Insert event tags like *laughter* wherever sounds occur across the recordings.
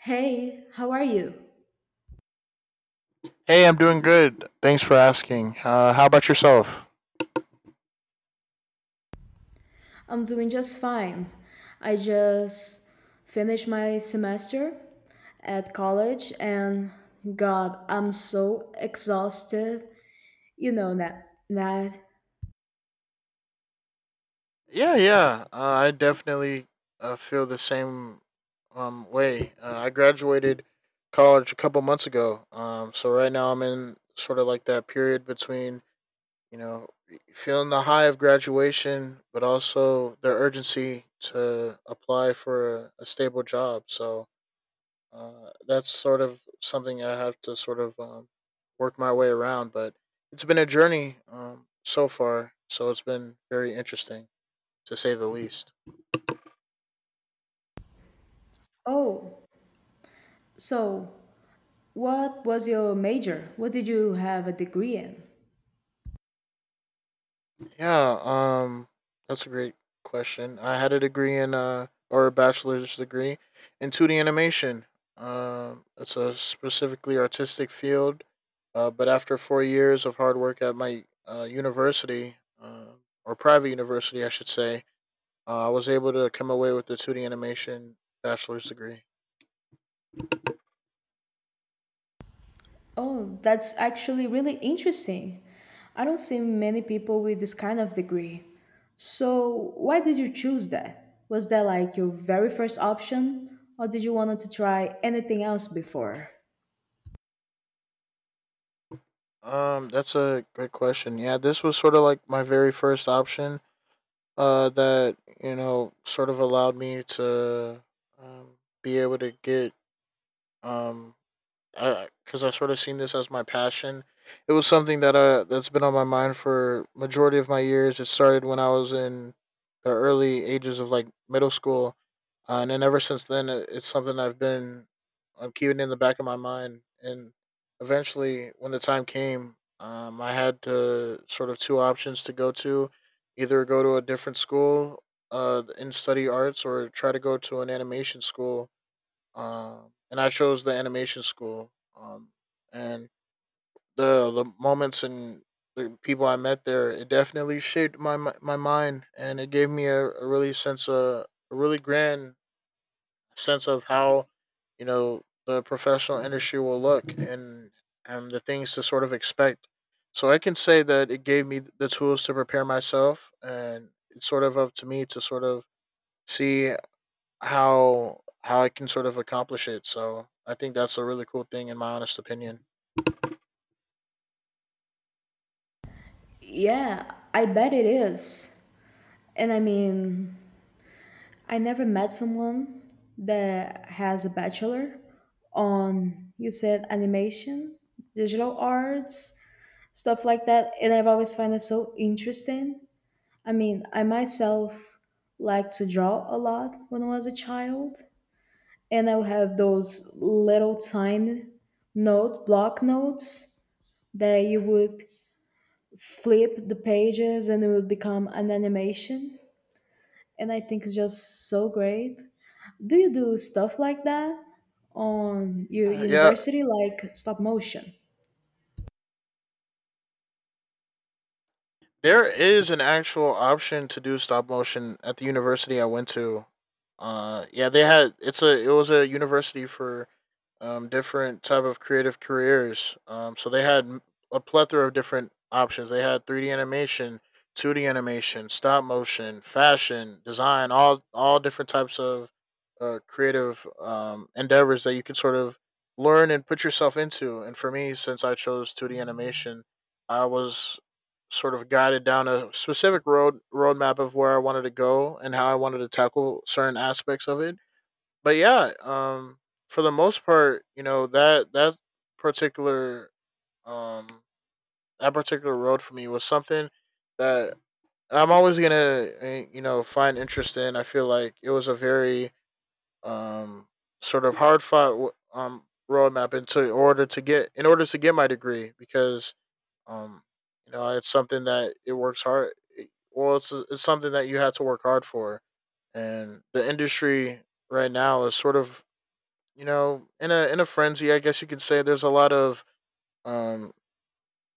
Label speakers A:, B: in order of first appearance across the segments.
A: Hey, how are you?
B: Hey, I'm doing good. Thanks for asking. How about yourself?
A: I'm doing just fine. I just finished my semester at college and God, I'm so exhausted. You know that.
B: Yeah, yeah. I definitely feel the same way. I graduated college a couple months ago, so right now I'm in sort of like that period between you know feeling the high of graduation, but also the urgency to apply for a stable job. So that's sort of something I have to sort of work my way around, but it's been a journey so far. So it's been very interesting to say the least.
A: Oh, so what was your major? What did you have a degree in?
B: Yeah, that's a great question. I had a degree in or a bachelor's degree in 2D animation. It's a specifically artistic field, but after 4 years of hard work at my university, or private university, I should say. I was able to come away with the 2D animation bachelor's degree.
A: Oh, that's actually really interesting. I don't see many people with this kind of degree. So, why did you choose that? Was that like your very first option, or did you want to try anything else before?
B: That's a good question. Yeah, this was sort of like my very first option. That sort of allowed me to um, be able to get um because I sort of seen this as my passion. It was something that that's been on my mind for majority of my years. It started when I was in the early ages of like middle school, and then ever since then, it's something I've been I'm keeping in the back of my mind. And eventually, when the time came, I had to sort of two options to go to, either go to a different school, in study arts, or try to go to an animation school and I chose the animation school. Um, and the moments and the people I met there, it definitely shaped my mind, and it gave me a really sense of a really grand sense of how the professional industry will look and the things to sort of expect. So I can say that it gave me the tools to prepare myself, and it's sort of up to me to sort of see how I can sort of accomplish it. So I think that's a really cool thing, in my honest opinion.
A: Yeah, I bet it is. And I mean, I never met someone that has a bachelor on, you said, animation, digital arts, stuff like that. And I've always found it so interesting. I mean, I myself like to draw a lot when I was a child, and I would have those little tiny note block notes that you would flip the pages and it would become an animation, and I think it's just so great. Do you do stuff like that on your
B: Yeah,
A: university, like stop motion?
B: there is an actual option to do stop motion at the university I went to. Yeah, they had it was a university for different type of creative careers. So they had a plethora of different options. They had three D animation, two D animation, stop motion, fashion, design, all different types of creative endeavors that you could sort of learn and put yourself into. And for me, since I chose two D animation, I was sort of guided down a specific roadmap of where I wanted to go and how I wanted to tackle certain aspects of it. But yeah, for the most part, you know particular um that particular road for me was something that I'm always gonna you know find interest in. I feel like it was a very um sort of hard fought roadmap into in order to get in order to get my degree because um, you know, it's something that it works hard. It- Well, it's something that you had to work hard for, and the industry right now is sort of you know in a frenzy. I guess you could say there's a lot of um.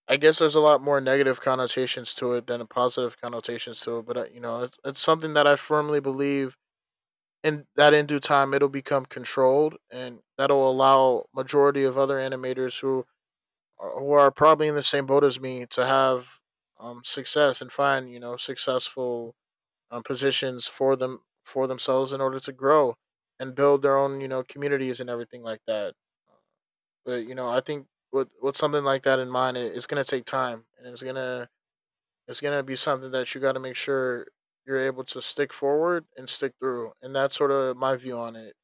B: I guess there's a lot more negative connotations to it than positive connotations to it, but you know, it's something that I firmly believe in that in due time it'll become controlled and that'll allow majority of other animators who are probably in the same boat as me to have success and find you know successful positions for them for themselves in order to grow and build their own you know communities and everything like that. But you know, I think with something like that in mind, it's gonna take time and it's gonna be something that you got to make sure you're able to stick forward and stick through, and that's sort of my view on it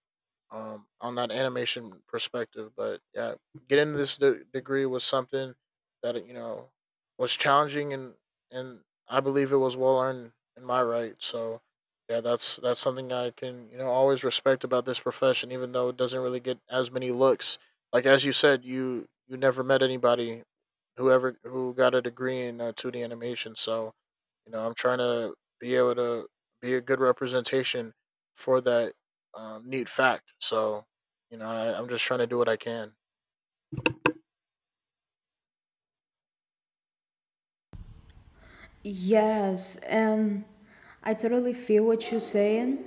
B: on that animation perspective. But yeah, getting this degree was something that you know was challenging and and I believe it was well earned in my right. So yeah, that's something I can you know always respect about this profession, even though it doesn't really get as many looks. Like as you said, you never met anybody who got a degree in 2D animation. So you know, I'm trying to be able to be a good representation for that neat fact. So, you know, I'm just trying to do what I can.
A: Yes, and I totally feel what you're saying.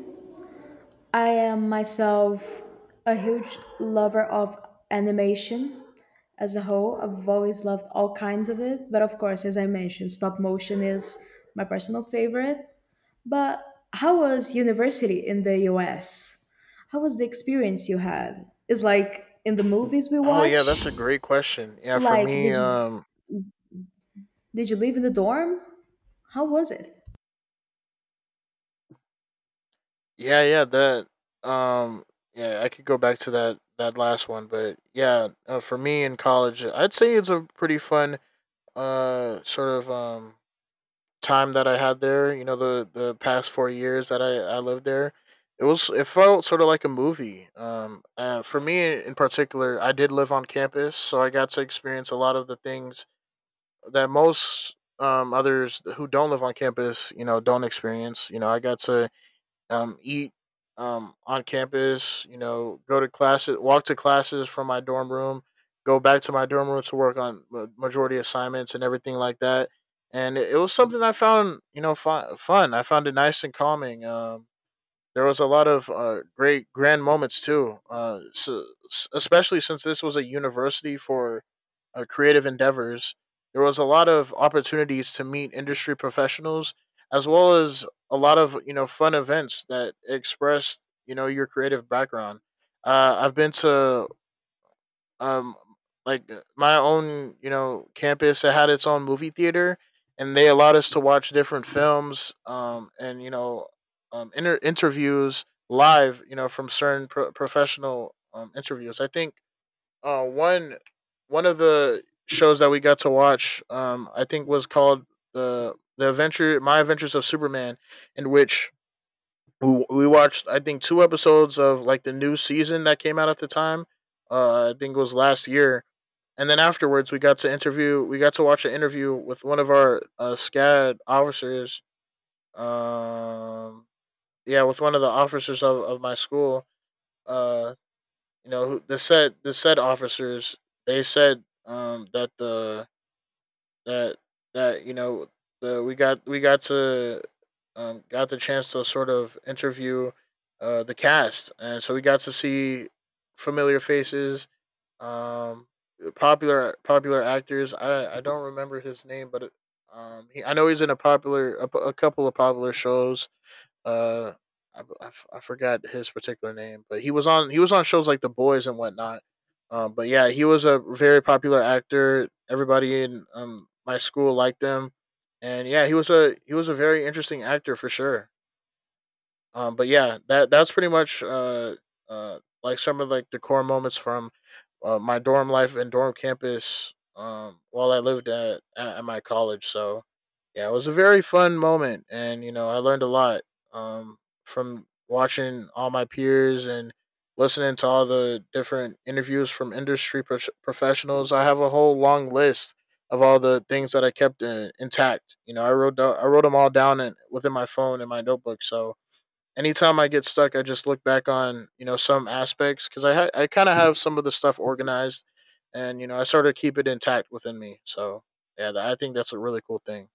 A: I am myself a huge lover of animation as a whole. I've always loved all kinds of it, but of course, as I mentioned, stop motion is my personal favorite. But how was university in the US? How was the experience you had? It's like in the movies we
B: Oh yeah,
A: watch.
B: that's a great question. Yeah, for
A: Like,
B: me,
A: did you did you live in the dorm? How was it?
B: yeah, yeah, that, um, yeah, I could go back to that last one, but yeah, for me in college, I'd say it's a pretty fun, sort of time that I had there, you know, the past 4 years that I lived there, it felt sort of like a movie. For me in particular, I did live on campus, so I got to experience a lot of the things that most others who don't live on campus, you know, don't experience. You know, I got to eat on campus, you know, go to classes, walk to classes from my dorm room, go back to my dorm room to work on majority assignments and everything like that. And it was something I found, you know, fun. I found it nice and calming. There was a lot of great grand moments too. So, especially since this was a university for creative endeavors, there was a lot of opportunities to meet industry professionals, as well as a lot of you know fun events that expressed you know your creative background. I've been to um like my own you know campus that had its own movie theater and they allowed us to watch different films and you know interviews live you know from certain professional interviews. I think one One of the shows that we got to watch, I think, was called the adventure My Adventures of Superman, in which we watched, I think, two episodes of like the new season that came out at the time. I think it was last year, and then afterwards we got to watch an interview with one of our SCAD officers. um yeah, with one of the officers of my school. uh the said officers, they said that the that that you know the we got to got the chance to sort of interview the cast, and so we got to see familiar faces, um, popular actors. I don't remember his name, but I know he's in a popular a couple of popular shows. Uh, I forgot his particular name, but he was on shows like The Boys and whatnot. But yeah, he was a very popular actor. Everybody in my school liked him, and yeah, he was a very interesting actor for sure. But yeah, that that's pretty much like some of like the core moments from my dorm life and dorm campus while I lived at my college. So yeah, it was a very fun moment, and you know I learned a lot um, from watching all my peers and listening to all the different interviews from industry professionals. I have a whole long list of all the things that I kept intact. You know, I wrote them all down in, within my phone and my notebook. So anytime I get stuck, I just look back on you know some aspects because I kind of have some of the stuff organized, and you know I sort of keep it intact within me. So yeah, I think that's a really cool thing.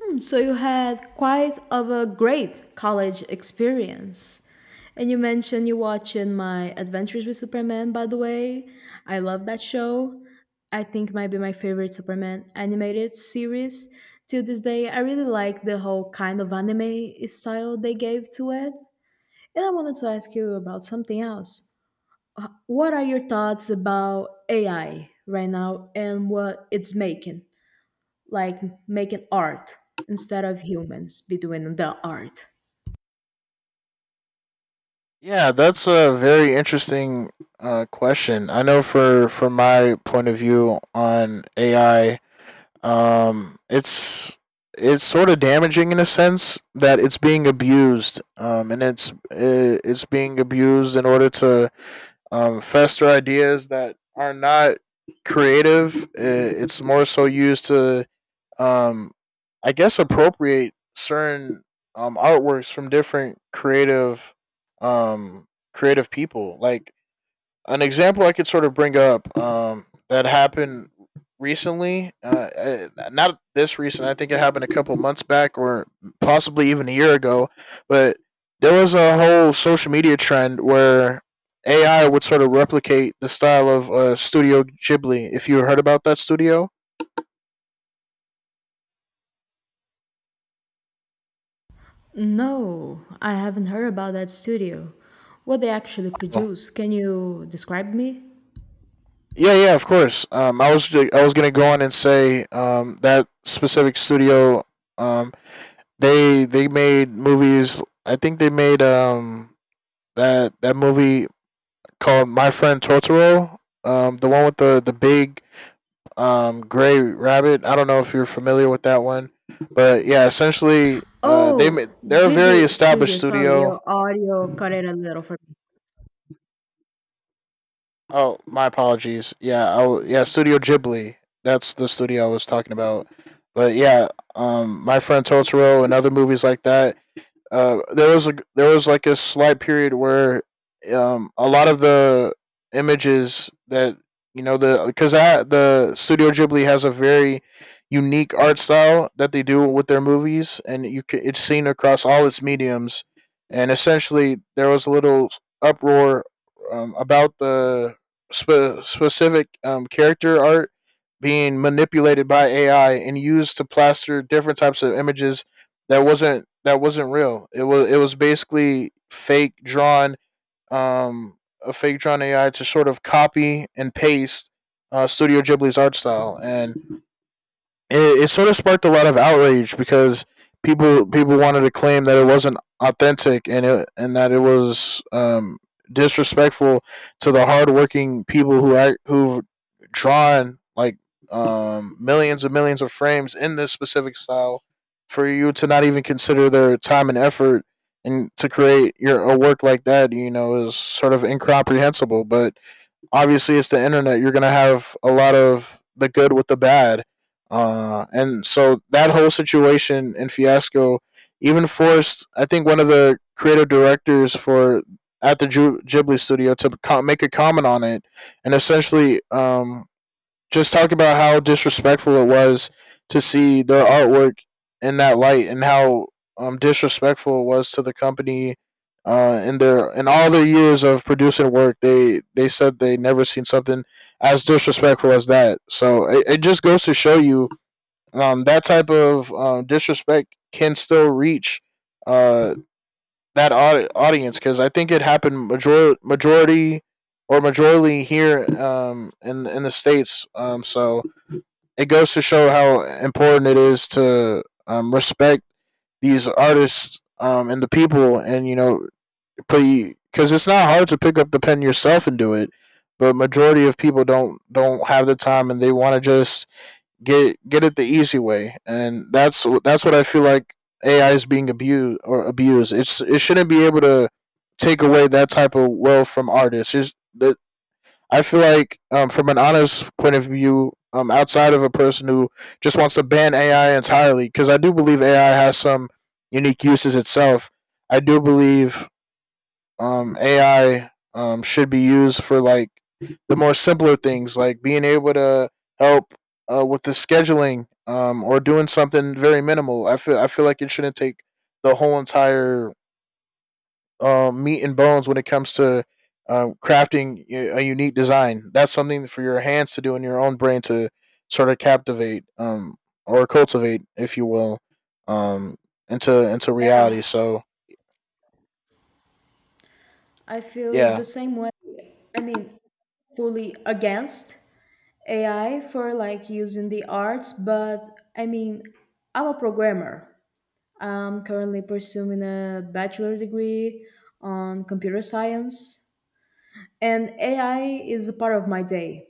A: Hmm. So you had quite of a great college experience. And you mentioned you watching my Adventures with Superman, by the way. I love that show. I think it might be my favorite Superman animated series till this day. I really like the whole kind of anime style they gave to it. And I wanted to ask you about something else. What are your thoughts about AI right now and what it's making? Like making art instead of humans be doing the art.
B: Yeah, that's a very interesting question. I know for from my point of view on AI, um, it's it's sort of damaging in a sense that it's being abused, and it's being abused in order to fester ideas that are not creative. It's more so used to, um, I guess, appropriate certain artworks from different creative, um, creative people. Like an example I could sort of bring up that happened recently, not this recent. I think it happened a couple months back, or possibly even a year ago. But there was a whole social media trend where AI would sort of replicate the style of Studio Ghibli. If you heard about that studio,
A: No, I haven't heard about that studio. What they actually
B: oh,
A: produce, can you describe me?
B: yeah, yeah, of course. I was gonna go on and say that specific studio. Um, they made movies. I think they made that movie called My Friend Totoro. The one with the big gray rabbit. I don't know if you're familiar with that one, but yeah, essentially,
A: Oh,
B: they're a very
A: GB
B: established
A: Studio, sorry,
B: studio.
A: your audio cut it a little for me.
B: Oh, my apologies. Yeah, oh yeah, Studio Ghibli. That's the studio I was talking about. But yeah, my friend Totoro and other movies like that there was like a slight period where a lot of the images that you know the because the Studio Ghibli has a very unique art style that they do with their movies, and you can, it's seen across all its mediums. And essentially, there was a little uproar about the specific character art being manipulated by AI and used to plaster different types of images that wasn't real. It was basically fake drawn um a fake drawn AI to sort of copy and paste Studio Ghibli's art style, and it sort of sparked a lot of outrage because people wanted to claim that it wasn't authentic and it and that it was disrespectful to the hardworking people who've drawn like millions and millions of frames in this specific style for you to not even consider their time and effort and to create your a work like that you know is sort of incomprehensible but obviously it's the internet. You're gonna have a lot of the good with the bad, and so that whole situation in Fiasco even forced I think one of the creative directors for at the Ghibli studio to make a comment on it, and essentially just talk about how disrespectful it was to see their artwork in that light and how disrespectful it was to the company in their in all their years of producing work they said they never seen something as disrespectful as that. So it just goes to show you that type of disrespect can still reach uh, that audience because I think it happened majority or majorly here in the states so it goes to show how important it is to respect these artists and the people, and you know, because it's not hard to pick up the pen yourself and do it. But majority of people don't have the time, and they want to just get it the easy way, and that's what I feel like AI is being abused or abused. It's it shouldn't be able to take away that type of wealth from artists. It's, the I feel like, from an honest point of view, outside of a person who just wants to ban AI entirely, because I do believe AI has some unique uses itself. I do believe AI should be used for like the more simpler things, like being able to help with the scheduling or doing something very minimal. I feel like it shouldn't take the whole entire meat and bones when it comes to crafting a unique design. That's something for your hands to do and your own brain to sort of captivate or cultivate, if you will, um, into
A: Yeah,
B: reality. So
A: I feel the
B: yeah,
A: same way. I mean, fully against AI for like using the arts, but I mean, I'm a programmer. I'm currently pursuing a bachelor degree on computer science, and AI is a part of my day.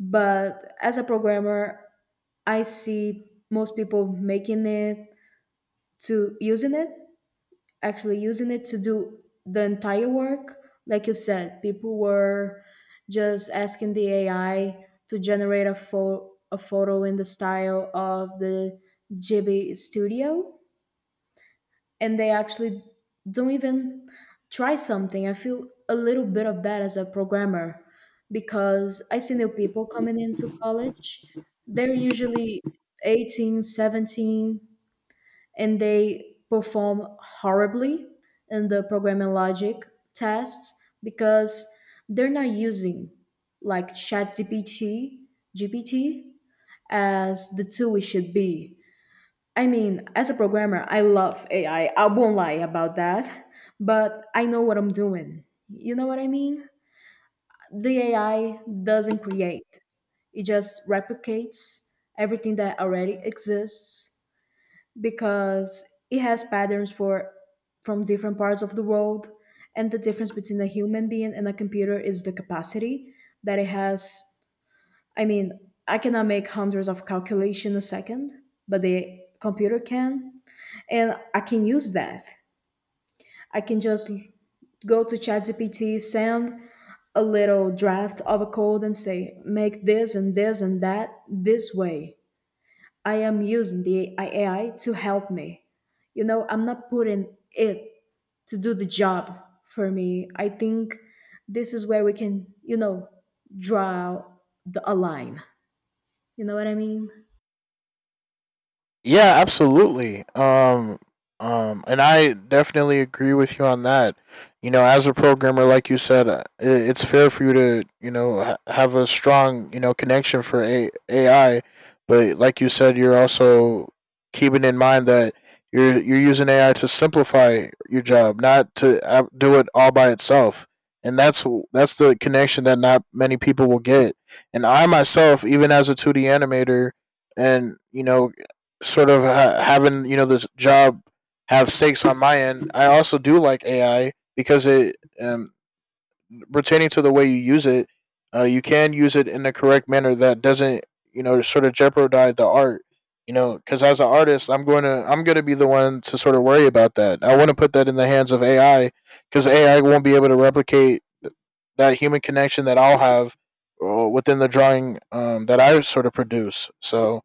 A: But as a programmer, I see most people making it to using it, actually using it to do the entire work. Like you said, people were just asking the AI to generate a photo in the style of the Ghibli studio and they actually don't even try something. I feel a little bit of bad as a programmer because I see new people coming into college. They're usually 18, 17, and they perform horribly in the programming logic tests because they're not using like ChatGPT, GPT as the tool it should be. I mean, as a programmer, I love AI. I won't lie about that, but I know what I'm doing. You know what I mean? The AI doesn't create, it just replicates everything that already exists because it has patterns for from different parts of the world, and the difference between a human being and a computer is the capacity that it has. I mean, I cannot make hundreds of calculation a second, but the computer can, and I can use that. I can just go to ChatGPT, send a little draft of a code, and say, make this and this and that this way. I am using the AI to help me. You know, I'm not putting it to do the job for me. I think this is where we can, you know, draw a line. You know what I mean?
B: yeah, absolutely. And I definitely agree with you on that. You know, as a programmer, like you said, it's fair for you to you know have a strong you know connection for AI, but like you said, you're also keeping in mind that you're using AI to simplify your job, not to do it all by itself. And that's the connection that not many people will get. And I myself, even as a two D animator, and you know sort of having you know this job have stakes on my end. I also do like AI because it pertaining to the way you use it, you can use it in the correct manner that doesn't you know sort of jeopardize the art. You know, because as an artist, I'm going to be the one to sort of worry about that. I want to put that in the hands of AI because AI won't be able to replicate that human connection that I'll have within the drawing that I sort of produce. So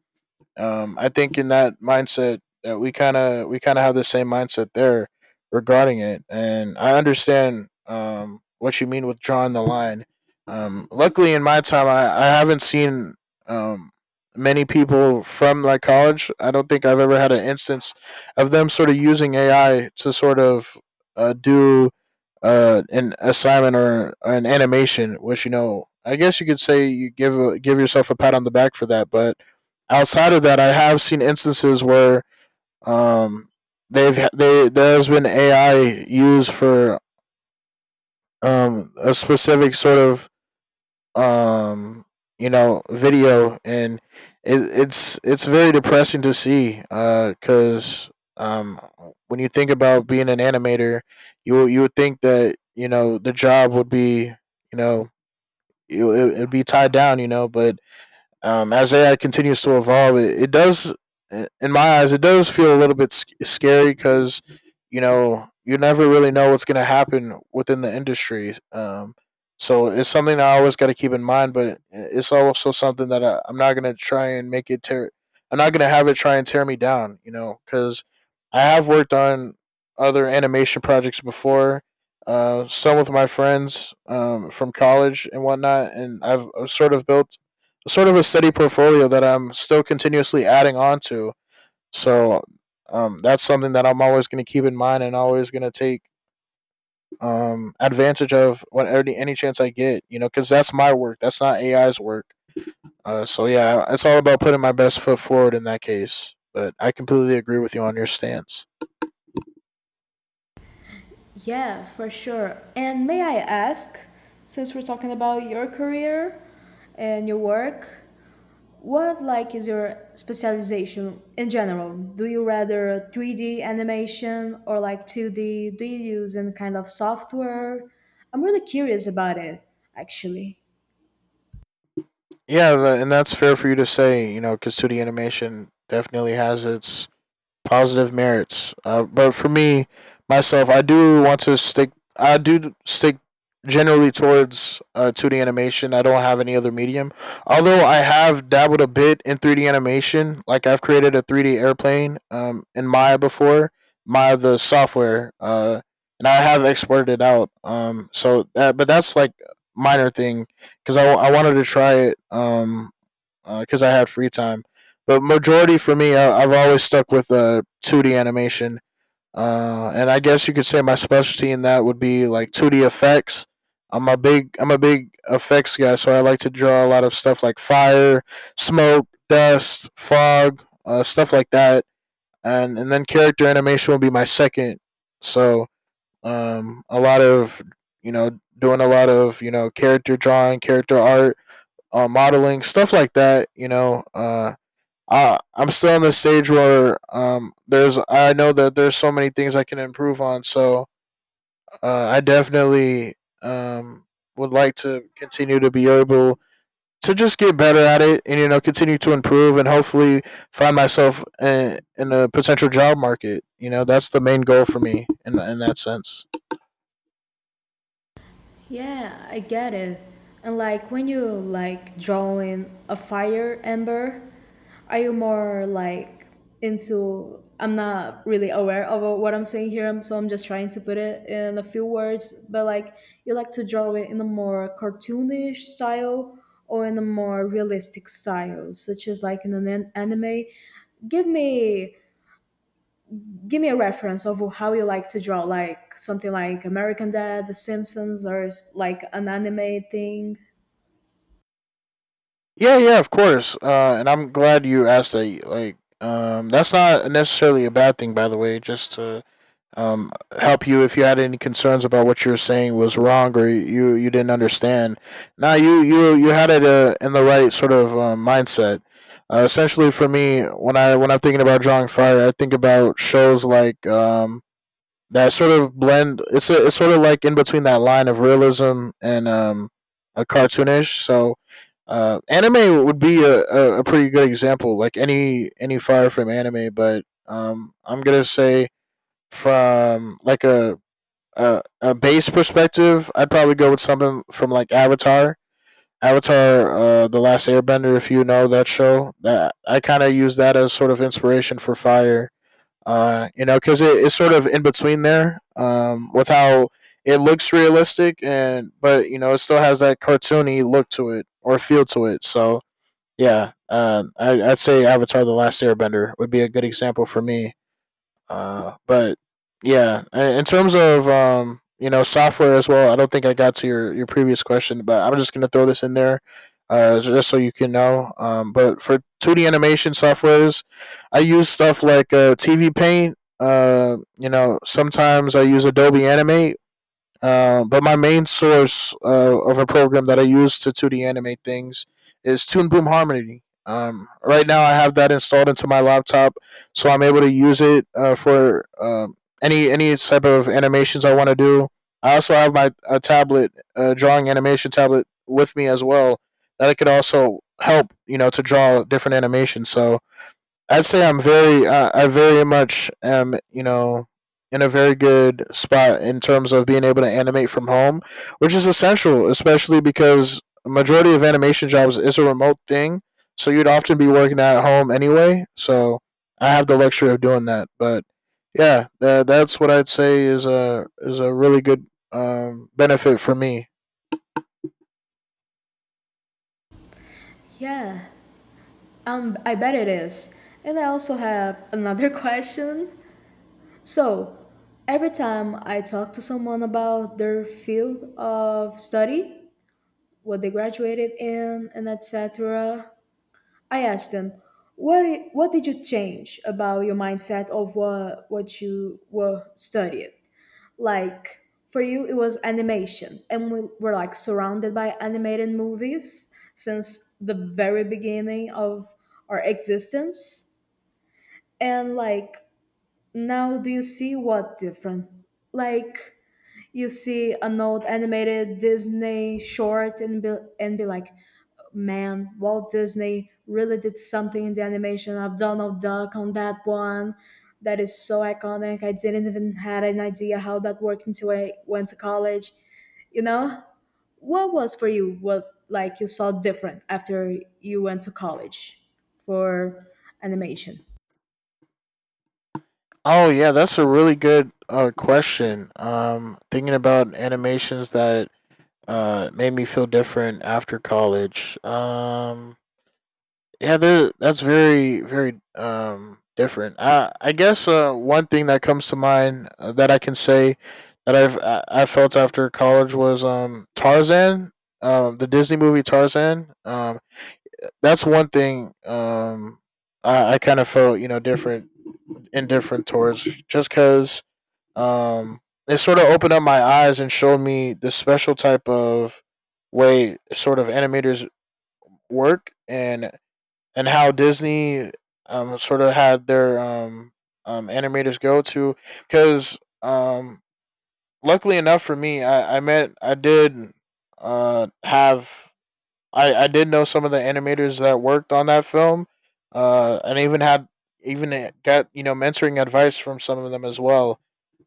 B: I think in that mindset that we kind of have the same mindset there regarding it, and I understand what you mean with drawing the line. Luckily, in my time, I haven't seen um, many people from like college. I don't think I've ever had an instance of them sort of using AI to sort of do an assignment or an animation, which you know, I guess you could say you give yourself a pat on the back for that, but outside of that, I have seen instances where um, they've they there's been AI used for a specific sort of um, you know video, and it, it's very depressing to see because um, when you think about being an animator, you would think that you know the job would be you know it, it'd be tied down, you know, but as AI continues to evolve, it does, in my eyes, it does feel a little bit scary because, you know, you never really know what's going to happen within the industry. So it's something I always got to keep in mind, but it's also something that I'm not going to try and make it tear. I'm not going to have it try and tear me down, you know, because I have worked on other animation projects before. Some with my friends from college and whatnot, and I've sort of built sort of a steady portfolio that I'm still continuously adding on to. So that's something that I'm always going to keep in mind and always going to take advantage of when any chance I get, you know, because that's my work. That's not AI's work. So yeah, it's all about putting my best foot forward in that case. But I completely agree with you on your stance.
A: Yeah, for sure. And may I ask, since we're talking about your career and your work, what like is your specialization in general? Do you rather 3D animation or like 2D? Do you use any kind of software? I'm really curious about it, actually.
B: Yeah, and that's fair for you to say. You know, because 2D animation definitely has its positive merits. But for me, myself, I do want to stick. I do stick generally towards 2D animation. I don't have any other medium. Although I have dabbled a bit in 3D animation, like I've created a 3D airplane in Maya before, Maya the software, and I have exported it out. So that, but that's like minor thing because I wanted to try it because I had free time. But majority for me, I've always stuck with 2D animation. And I guess you could say my specialty in that would be like 2D effects. I'm a big effects guy, so I like to draw a lot of stuff like fire, smoke, dust, fog, stuff like that. And then character animation would be my second. So a lot of you know doing a lot of you know character drawing, character art, modeling, stuff like that. You know, I'm still in the stage where there's I know that there's so many things I can improve on. So I definitely um, would like to continue to be able to just get better at it and you know continue to improve and hopefully find myself in a potential job market. You know, that's the main goal for me in that sense.
A: Yeah, I get it. And like when you like drawing a fire ember, are you more like into, I'm not really aware of what I'm saying here, so I'm just trying to put it in a few words, but like you like to draw it in a more cartoonish style or in a more realistic style, such as like in an anime. Give me give me a reference of how you like to draw, like something like American Dad, The Simpsons, or s- like an anime thing.
B: Yeah, yeah, of course. And I'm glad you asked that. Like, that's not necessarily a bad thing, by the way. Just to um, help you if you had any concerns about what you were saying was wrong or you didn't understand. Now you had it in the right sort of mindset. Essentially, for me, when I when I'm thinking about drawing fire, I think about shows like that sort of blend. It's sort of like in between that line of realism and a cartoonish. So anime would be a pretty good example, like any Fire Frame anime. But I'm gonna say from a base perspective, I'd probably go with something from like Avatar. Avatar, the Last Airbender, if you know that show, that I kind of use that as sort of inspiration for Fire because it's sort of in between there with how it looks realistic and but you know it still has that cartoony look to it or feel to it. So Yeah, I'd say Avatar: The Last Airbender would be a good example for me but yeah, in terms of you know, software as well. I don't think I got to your previous question, but I'm just gonna throw this in there, just so you can know. But for 2D animation softwares, I use stuff like TV Paint. You know, sometimes I use Adobe Animate, but my main source of a program that I use to 2D animate things is Toon Boom Harmony. Right now, I have that installed into my laptop, so I'm able to use it for any type of animations I want to do. I also have my a tablet, a drawing animation tablet, with me as well that I could also help you know to draw different animations. So I'd say I'm I very much am, you know, in a very good spot in terms of being able to animate from home, which is essential, especially because a majority of animation jobs is a remote thing. So you'd often be working at home anyway. So I have the luxury of doing that. But yeah, tha that's what I'd say is a really good benefit for me.
A: Yeah, I bet it is. And I also have another *laughs* question. So, every time I talk to someone about their field of study, what they graduated in, and etc., I ask them, what did you change about your mindset of what you were studying? Like, for you it was animation and we were like surrounded by animated movies since the very beginning of our existence, and like now do you see what different, like you see an old animated Disney short and be like, man, Walt Disney really did something in the animation of Donald Duck on that one that is so iconic. I didn't even had an idea how that worked until I went to college. You know, what was for you, what like you saw different after you went to college for animation?
B: Oh yeah, that's a really good question. Thinking about animations that made me feel different after college. That's very very different. I guess one thing that comes to mind, that I can say that I felt after college was Tarzan. Um the Disney movie Tarzan, that's one thing. I kind of felt you know different, indifferent towards just because um, it sort of opened up my eyes and showed me the special type of way sort of animators work, and how Disney sort of had their animators go to because luckily enough for me I met I did have I did know some of the animators that worked on that film, and even had even got you know mentoring advice from some of them as well,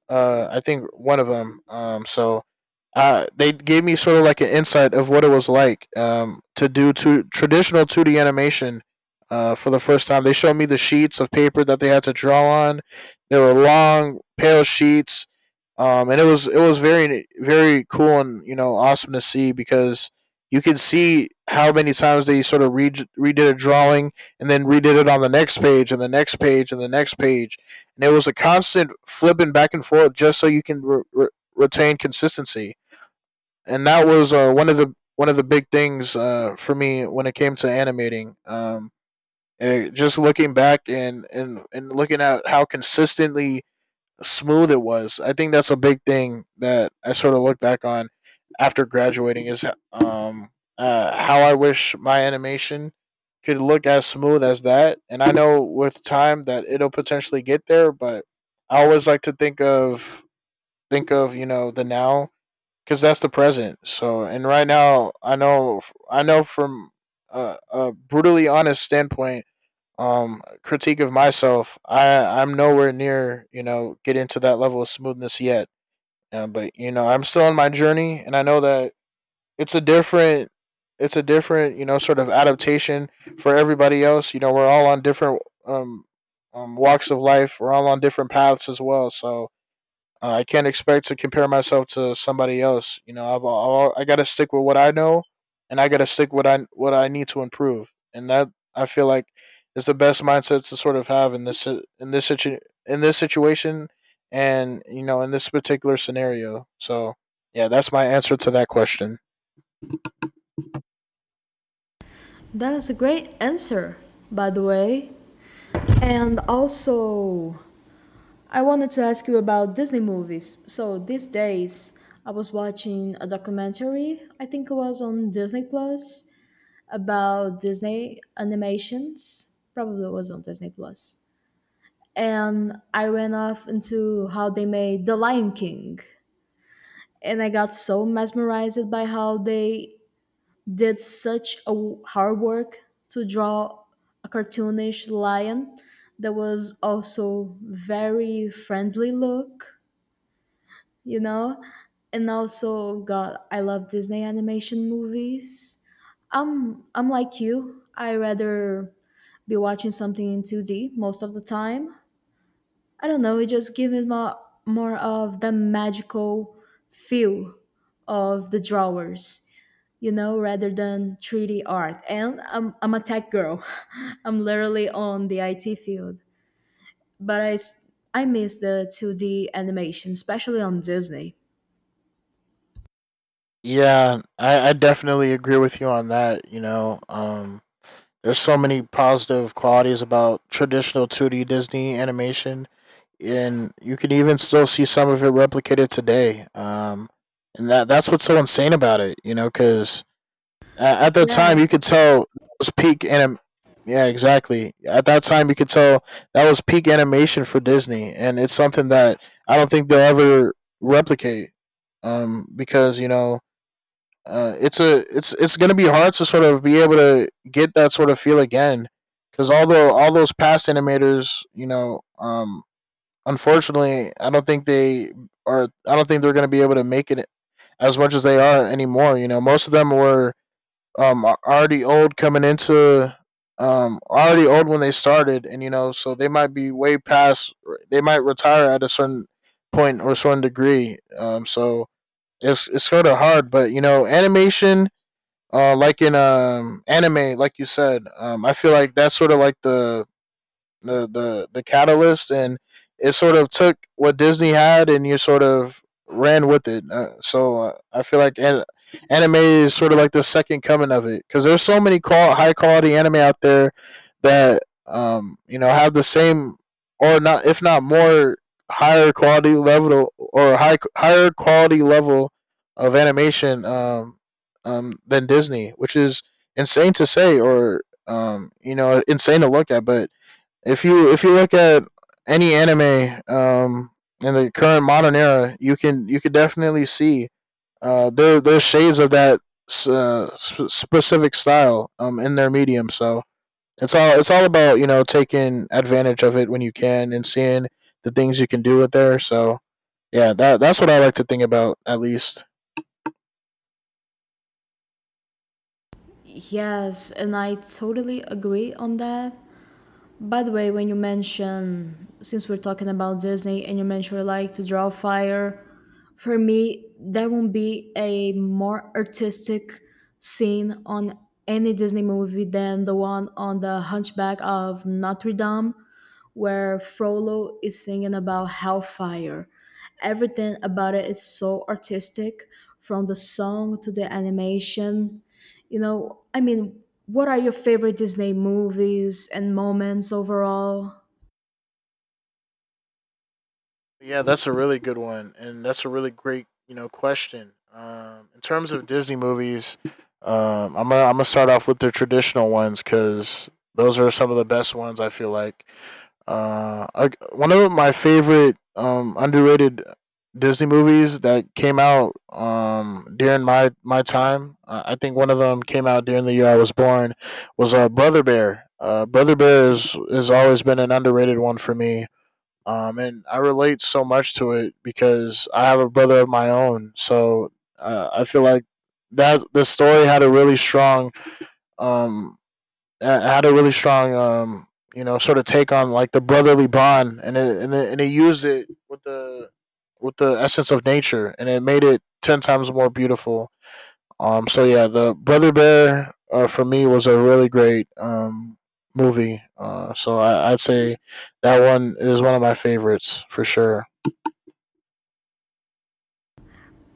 B: I think one of them. So they gave me sort of like an insight of what it was like, to do to traditional 2D animation for the first time. They showed me the sheets of paper that they had to draw on. They were long, pale sheets, and it was very very cool and you know awesome to see because you could see how many times they sort of redid a drawing and then redid it on the next page and the next page and the next page, and it was a constant flipping back and forth just so you can retain consistency. And that was one of the big things for me when it came to animating. Just looking back and looking at how consistently smooth it was. I think that's a big thing that I sort of look back on after graduating is um how I wish my animation could look as smooth as that. And I know with time that it'll potentially get there, but I always like to think of, you know, the now cuz that's the present. So, and right now I know from a brutally honest standpoint critique of myself, I'm nowhere near you know getting to that level of smoothness yet, but you know I'm still on my journey and I know that it's a different it's a different you know sort of adaptation for everybody else. You know, we're all on different walks of life, we're all on different paths as well. So I can't expect to compare myself to somebody else. You know, I've I got to stick with what I know, and I got to stick with what I need to improve. And that I feel like is the best mindset to sort of have in this situation, and you know, in this particular scenario. So yeah, that's my answer to that question.
A: That is a great answer, by the way. And also, I wanted to ask you about Disney movies. So these days, I was watching a documentary, I think it was on Disney Plus, about Disney animations. Probably it was on Disney Plus. And I ran off into how they made The Lion King. And I got so mesmerized by how they did such a hard work to draw a cartoonish lion that was also very friendly look, you know? And also, God, I love Disney animation movies. I'm like you. I rather be watching something in 2D most of the time. I don't know, it just gives me more of the magical feel of the drawers, you know, rather than 3D art. And I'm a tech girl. *laughs* I'm literally on the IT field. But I miss the 2D animation, especially on Disney.
B: Yeah, I definitely agree with you on that. You know, there's so many positive qualities about traditional 2D Disney animation, and you can even still see some of it replicated today. And that that's what's so insane about it, you know, because at the
A: Yeah,
B: time you could tell it was peak anim. Yeah, exactly. At that time, you could tell that was peak animation for Disney, and it's something that I don't think they'll ever replicate. Because you know it's going to be hard to sort of be able to get that sort of feel again because although all those past animators you know unfortunately I don't think they're going to be able to make it as much as they are anymore. You know, most of them were um already old coming into already old when they started, and you know so they might be way past. They might retire at a certain point or a certain degree. So it's sort of hard, but you know animation, like in anime, like you said. I feel like that's sort of like the catalyst, and it sort of took what Disney had, and you sort of ran with it. I feel like anime is sort of like the second coming of it, because there's so many high quality anime out there that you know have the same or not if not more higher quality level or higher quality level of animation than Disney, which is insane to say or you know insane to look at. But if you look at any anime, in the current modern era, you can definitely see there's shades of that, specific style in their medium. So it's all about you know taking advantage of it when you can and seeing the things you can do with there. So yeah, that that's what I like to think about at least.
A: Yes, and I totally agree on that. By the way, when you mention, since we're talking about Disney and you mentioned you like to draw fire, for me, there won't be a more artistic scene on any Disney movie than the one on the Hunchback of Notre Dame where Frollo is singing about hellfire. Everything about it is so artistic, from the song to the animation. You know, I mean, what are your favorite Disney movies and moments overall?
B: Yeah, that's a really good one, and that's a really great you know question. In terms of Disney movies, I'm gonna start off with the traditional ones because those are some of the best ones. I feel like one of my favorite underrated Disney movies that came out during my time. I think one of them came out during the year I was born, was Brother Bear. Brother Bear has always been an underrated one for me. And I relate so much to it because I have a brother of my own. So I feel like that the story had a really strong, um, uh, had a really strong, um, you know, sort of take on like the brotherly bond, and and it used it with the essence of nature, and it made it ten times more beautiful. Um, so yeah, the Brother Bear for me was a really great movie. So I'd say that one is one of my favorites for sure.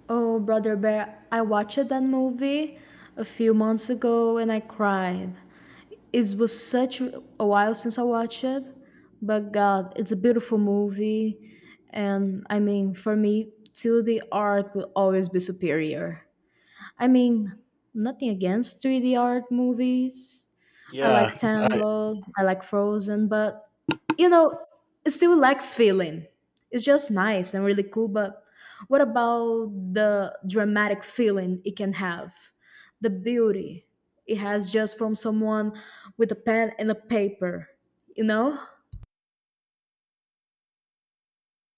A: Oh, Brother Bear, I watched that movie a few months ago and I cried. It was such a while since I watched it, but God, it's a beautiful movie, and I mean, for me, 2D art will always be superior. I mean, nothing against 3D art movies. I
B: Yeah,
A: like
B: I
A: Tangled, I like Frozen, but you know, it still lacks feeling. It's just nice and really cool, but what about the dramatic feeling it can have? The beauty it has just from someone with a pen and a paper, you know?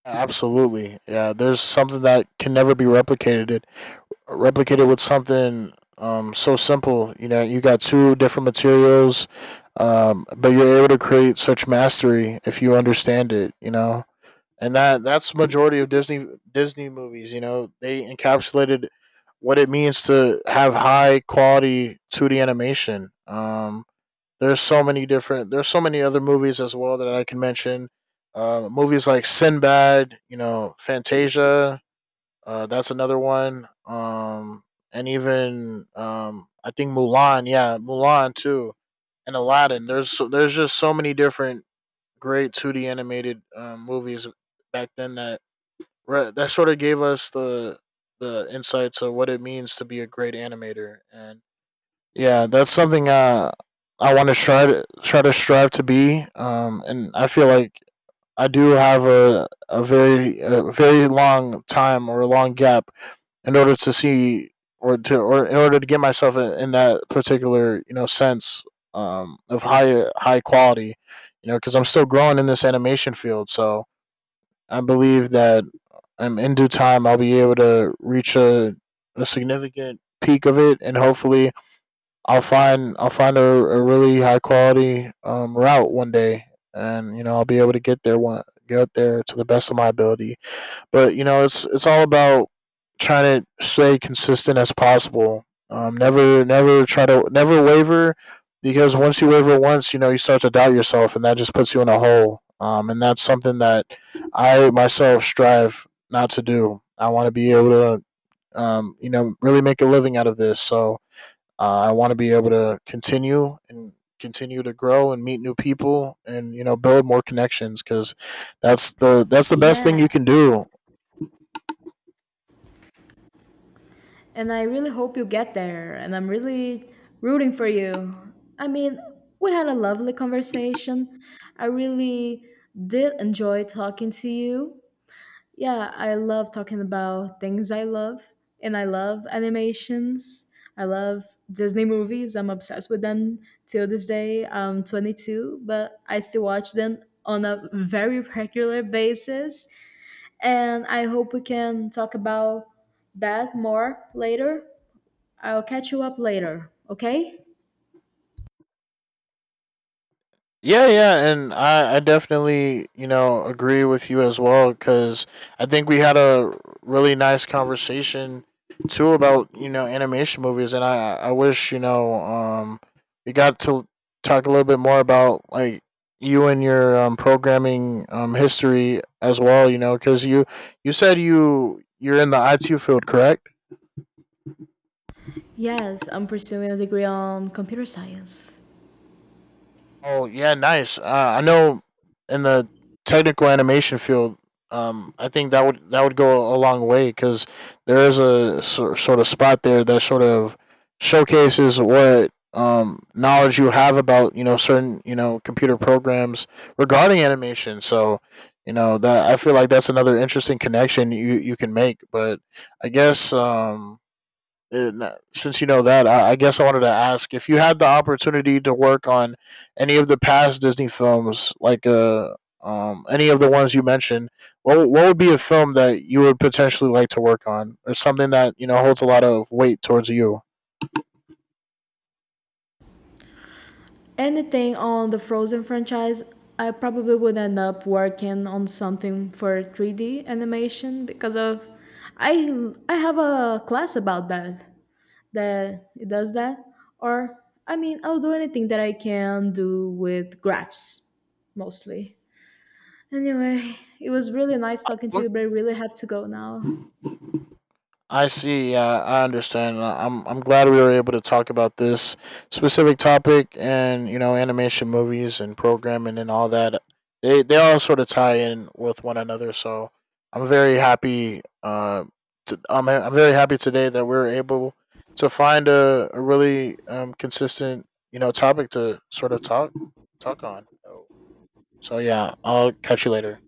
B: absolutely. Yeah, there's something that can never be replicated. Replicated with something so simple. You know, you got two different materials, but you're able to create such mastery if you understand it. You know, and that that's the majority of Disney movies. You know, they encapsulated what it means to have high quality 2D animation. There's so many different. There's so many other movies as well that I can mention. Movies like Sinbad, you know, Fantasia. That's another one. And even I think Mulan. Yeah, Mulan too, and Aladdin. There's just so many different great 2D animated movies back then that right, that sort of gave us the insight to what it means to be a great animator, and yeah, that's something I want to try to strive to be. And I feel like I do have a very long time or a long gap in order to see or in order to get myself in that particular you know sense, of high quality, you know, because I'm still growing in this animation field. So I believe that in due time I'll be able to reach a significant peak of it, and hopefully I'll find a really high quality route one day, and you know I'll be able to get there one get there to the best of my ability. But you know, it's all about trying to stay consistent as possible. Never try to never waver, because once you waver once, you know you start to doubt yourself, and that just puts you in a hole. And that's something that I myself strive not to do. I want to be able to, you know, really make a living out of this. So I want to be able to continue and continue to grow and meet new people and you know build more connections because that's the best thing
A: Yeah,
B: you can do.
A: and I really hope you get there, and I'm really rooting for you. I mean, we had a lovely conversation. I really did enjoy talking to you. Yeah, I love talking about things I love, and I love animations. I love Disney movies. I'm obsessed with them till this day. I'm 22, but I still watch them on a very regular basis. And I hope we can talk about that more later. I'll catch you up later, okay?
B: Yeah, yeah, and I definitely, you know, agree with you as well because I think we had a really nice conversation too about you know animation movies, and I wish you know we got to talk a little bit more about like you and your programming history as well, you know, because you said you're in the IT field, correct?
A: Yes, I'm pursuing a degree on computer science.
B: Oh yeah, nice. I know in the technical animation field, I think that would go a long way because there is a sort of spot there that sort of showcases what knowledge you have about you know certain you know computer programs regarding animation. So you know that I feel like that's another interesting connection you can make. But I guess and since you know that, I guess I wanted to ask if you had the opportunity to work on any of the past Disney films, like any of the ones you mentioned. What would be a film that you would potentially like to work on, or something that you know holds a lot of weight towards you?
A: Anything on the Frozen franchise. I probably would end up working on something for 3D animation because of, I have a class about that that it does that. Or, I mean, I'll do anything that I can do with graphs mostly. Anyway, it was really nice talking to you, but I really have to go now.
B: I see. Yeah, I understand. I'm glad we were able to talk about this specific topic and you know animation movies and programming and all that. They all sort of tie in with one another. So I'm very happy. I'm very happy today that we are able to find a really consistent you know topic to sort of talk on. So yeah, I'll catch you later.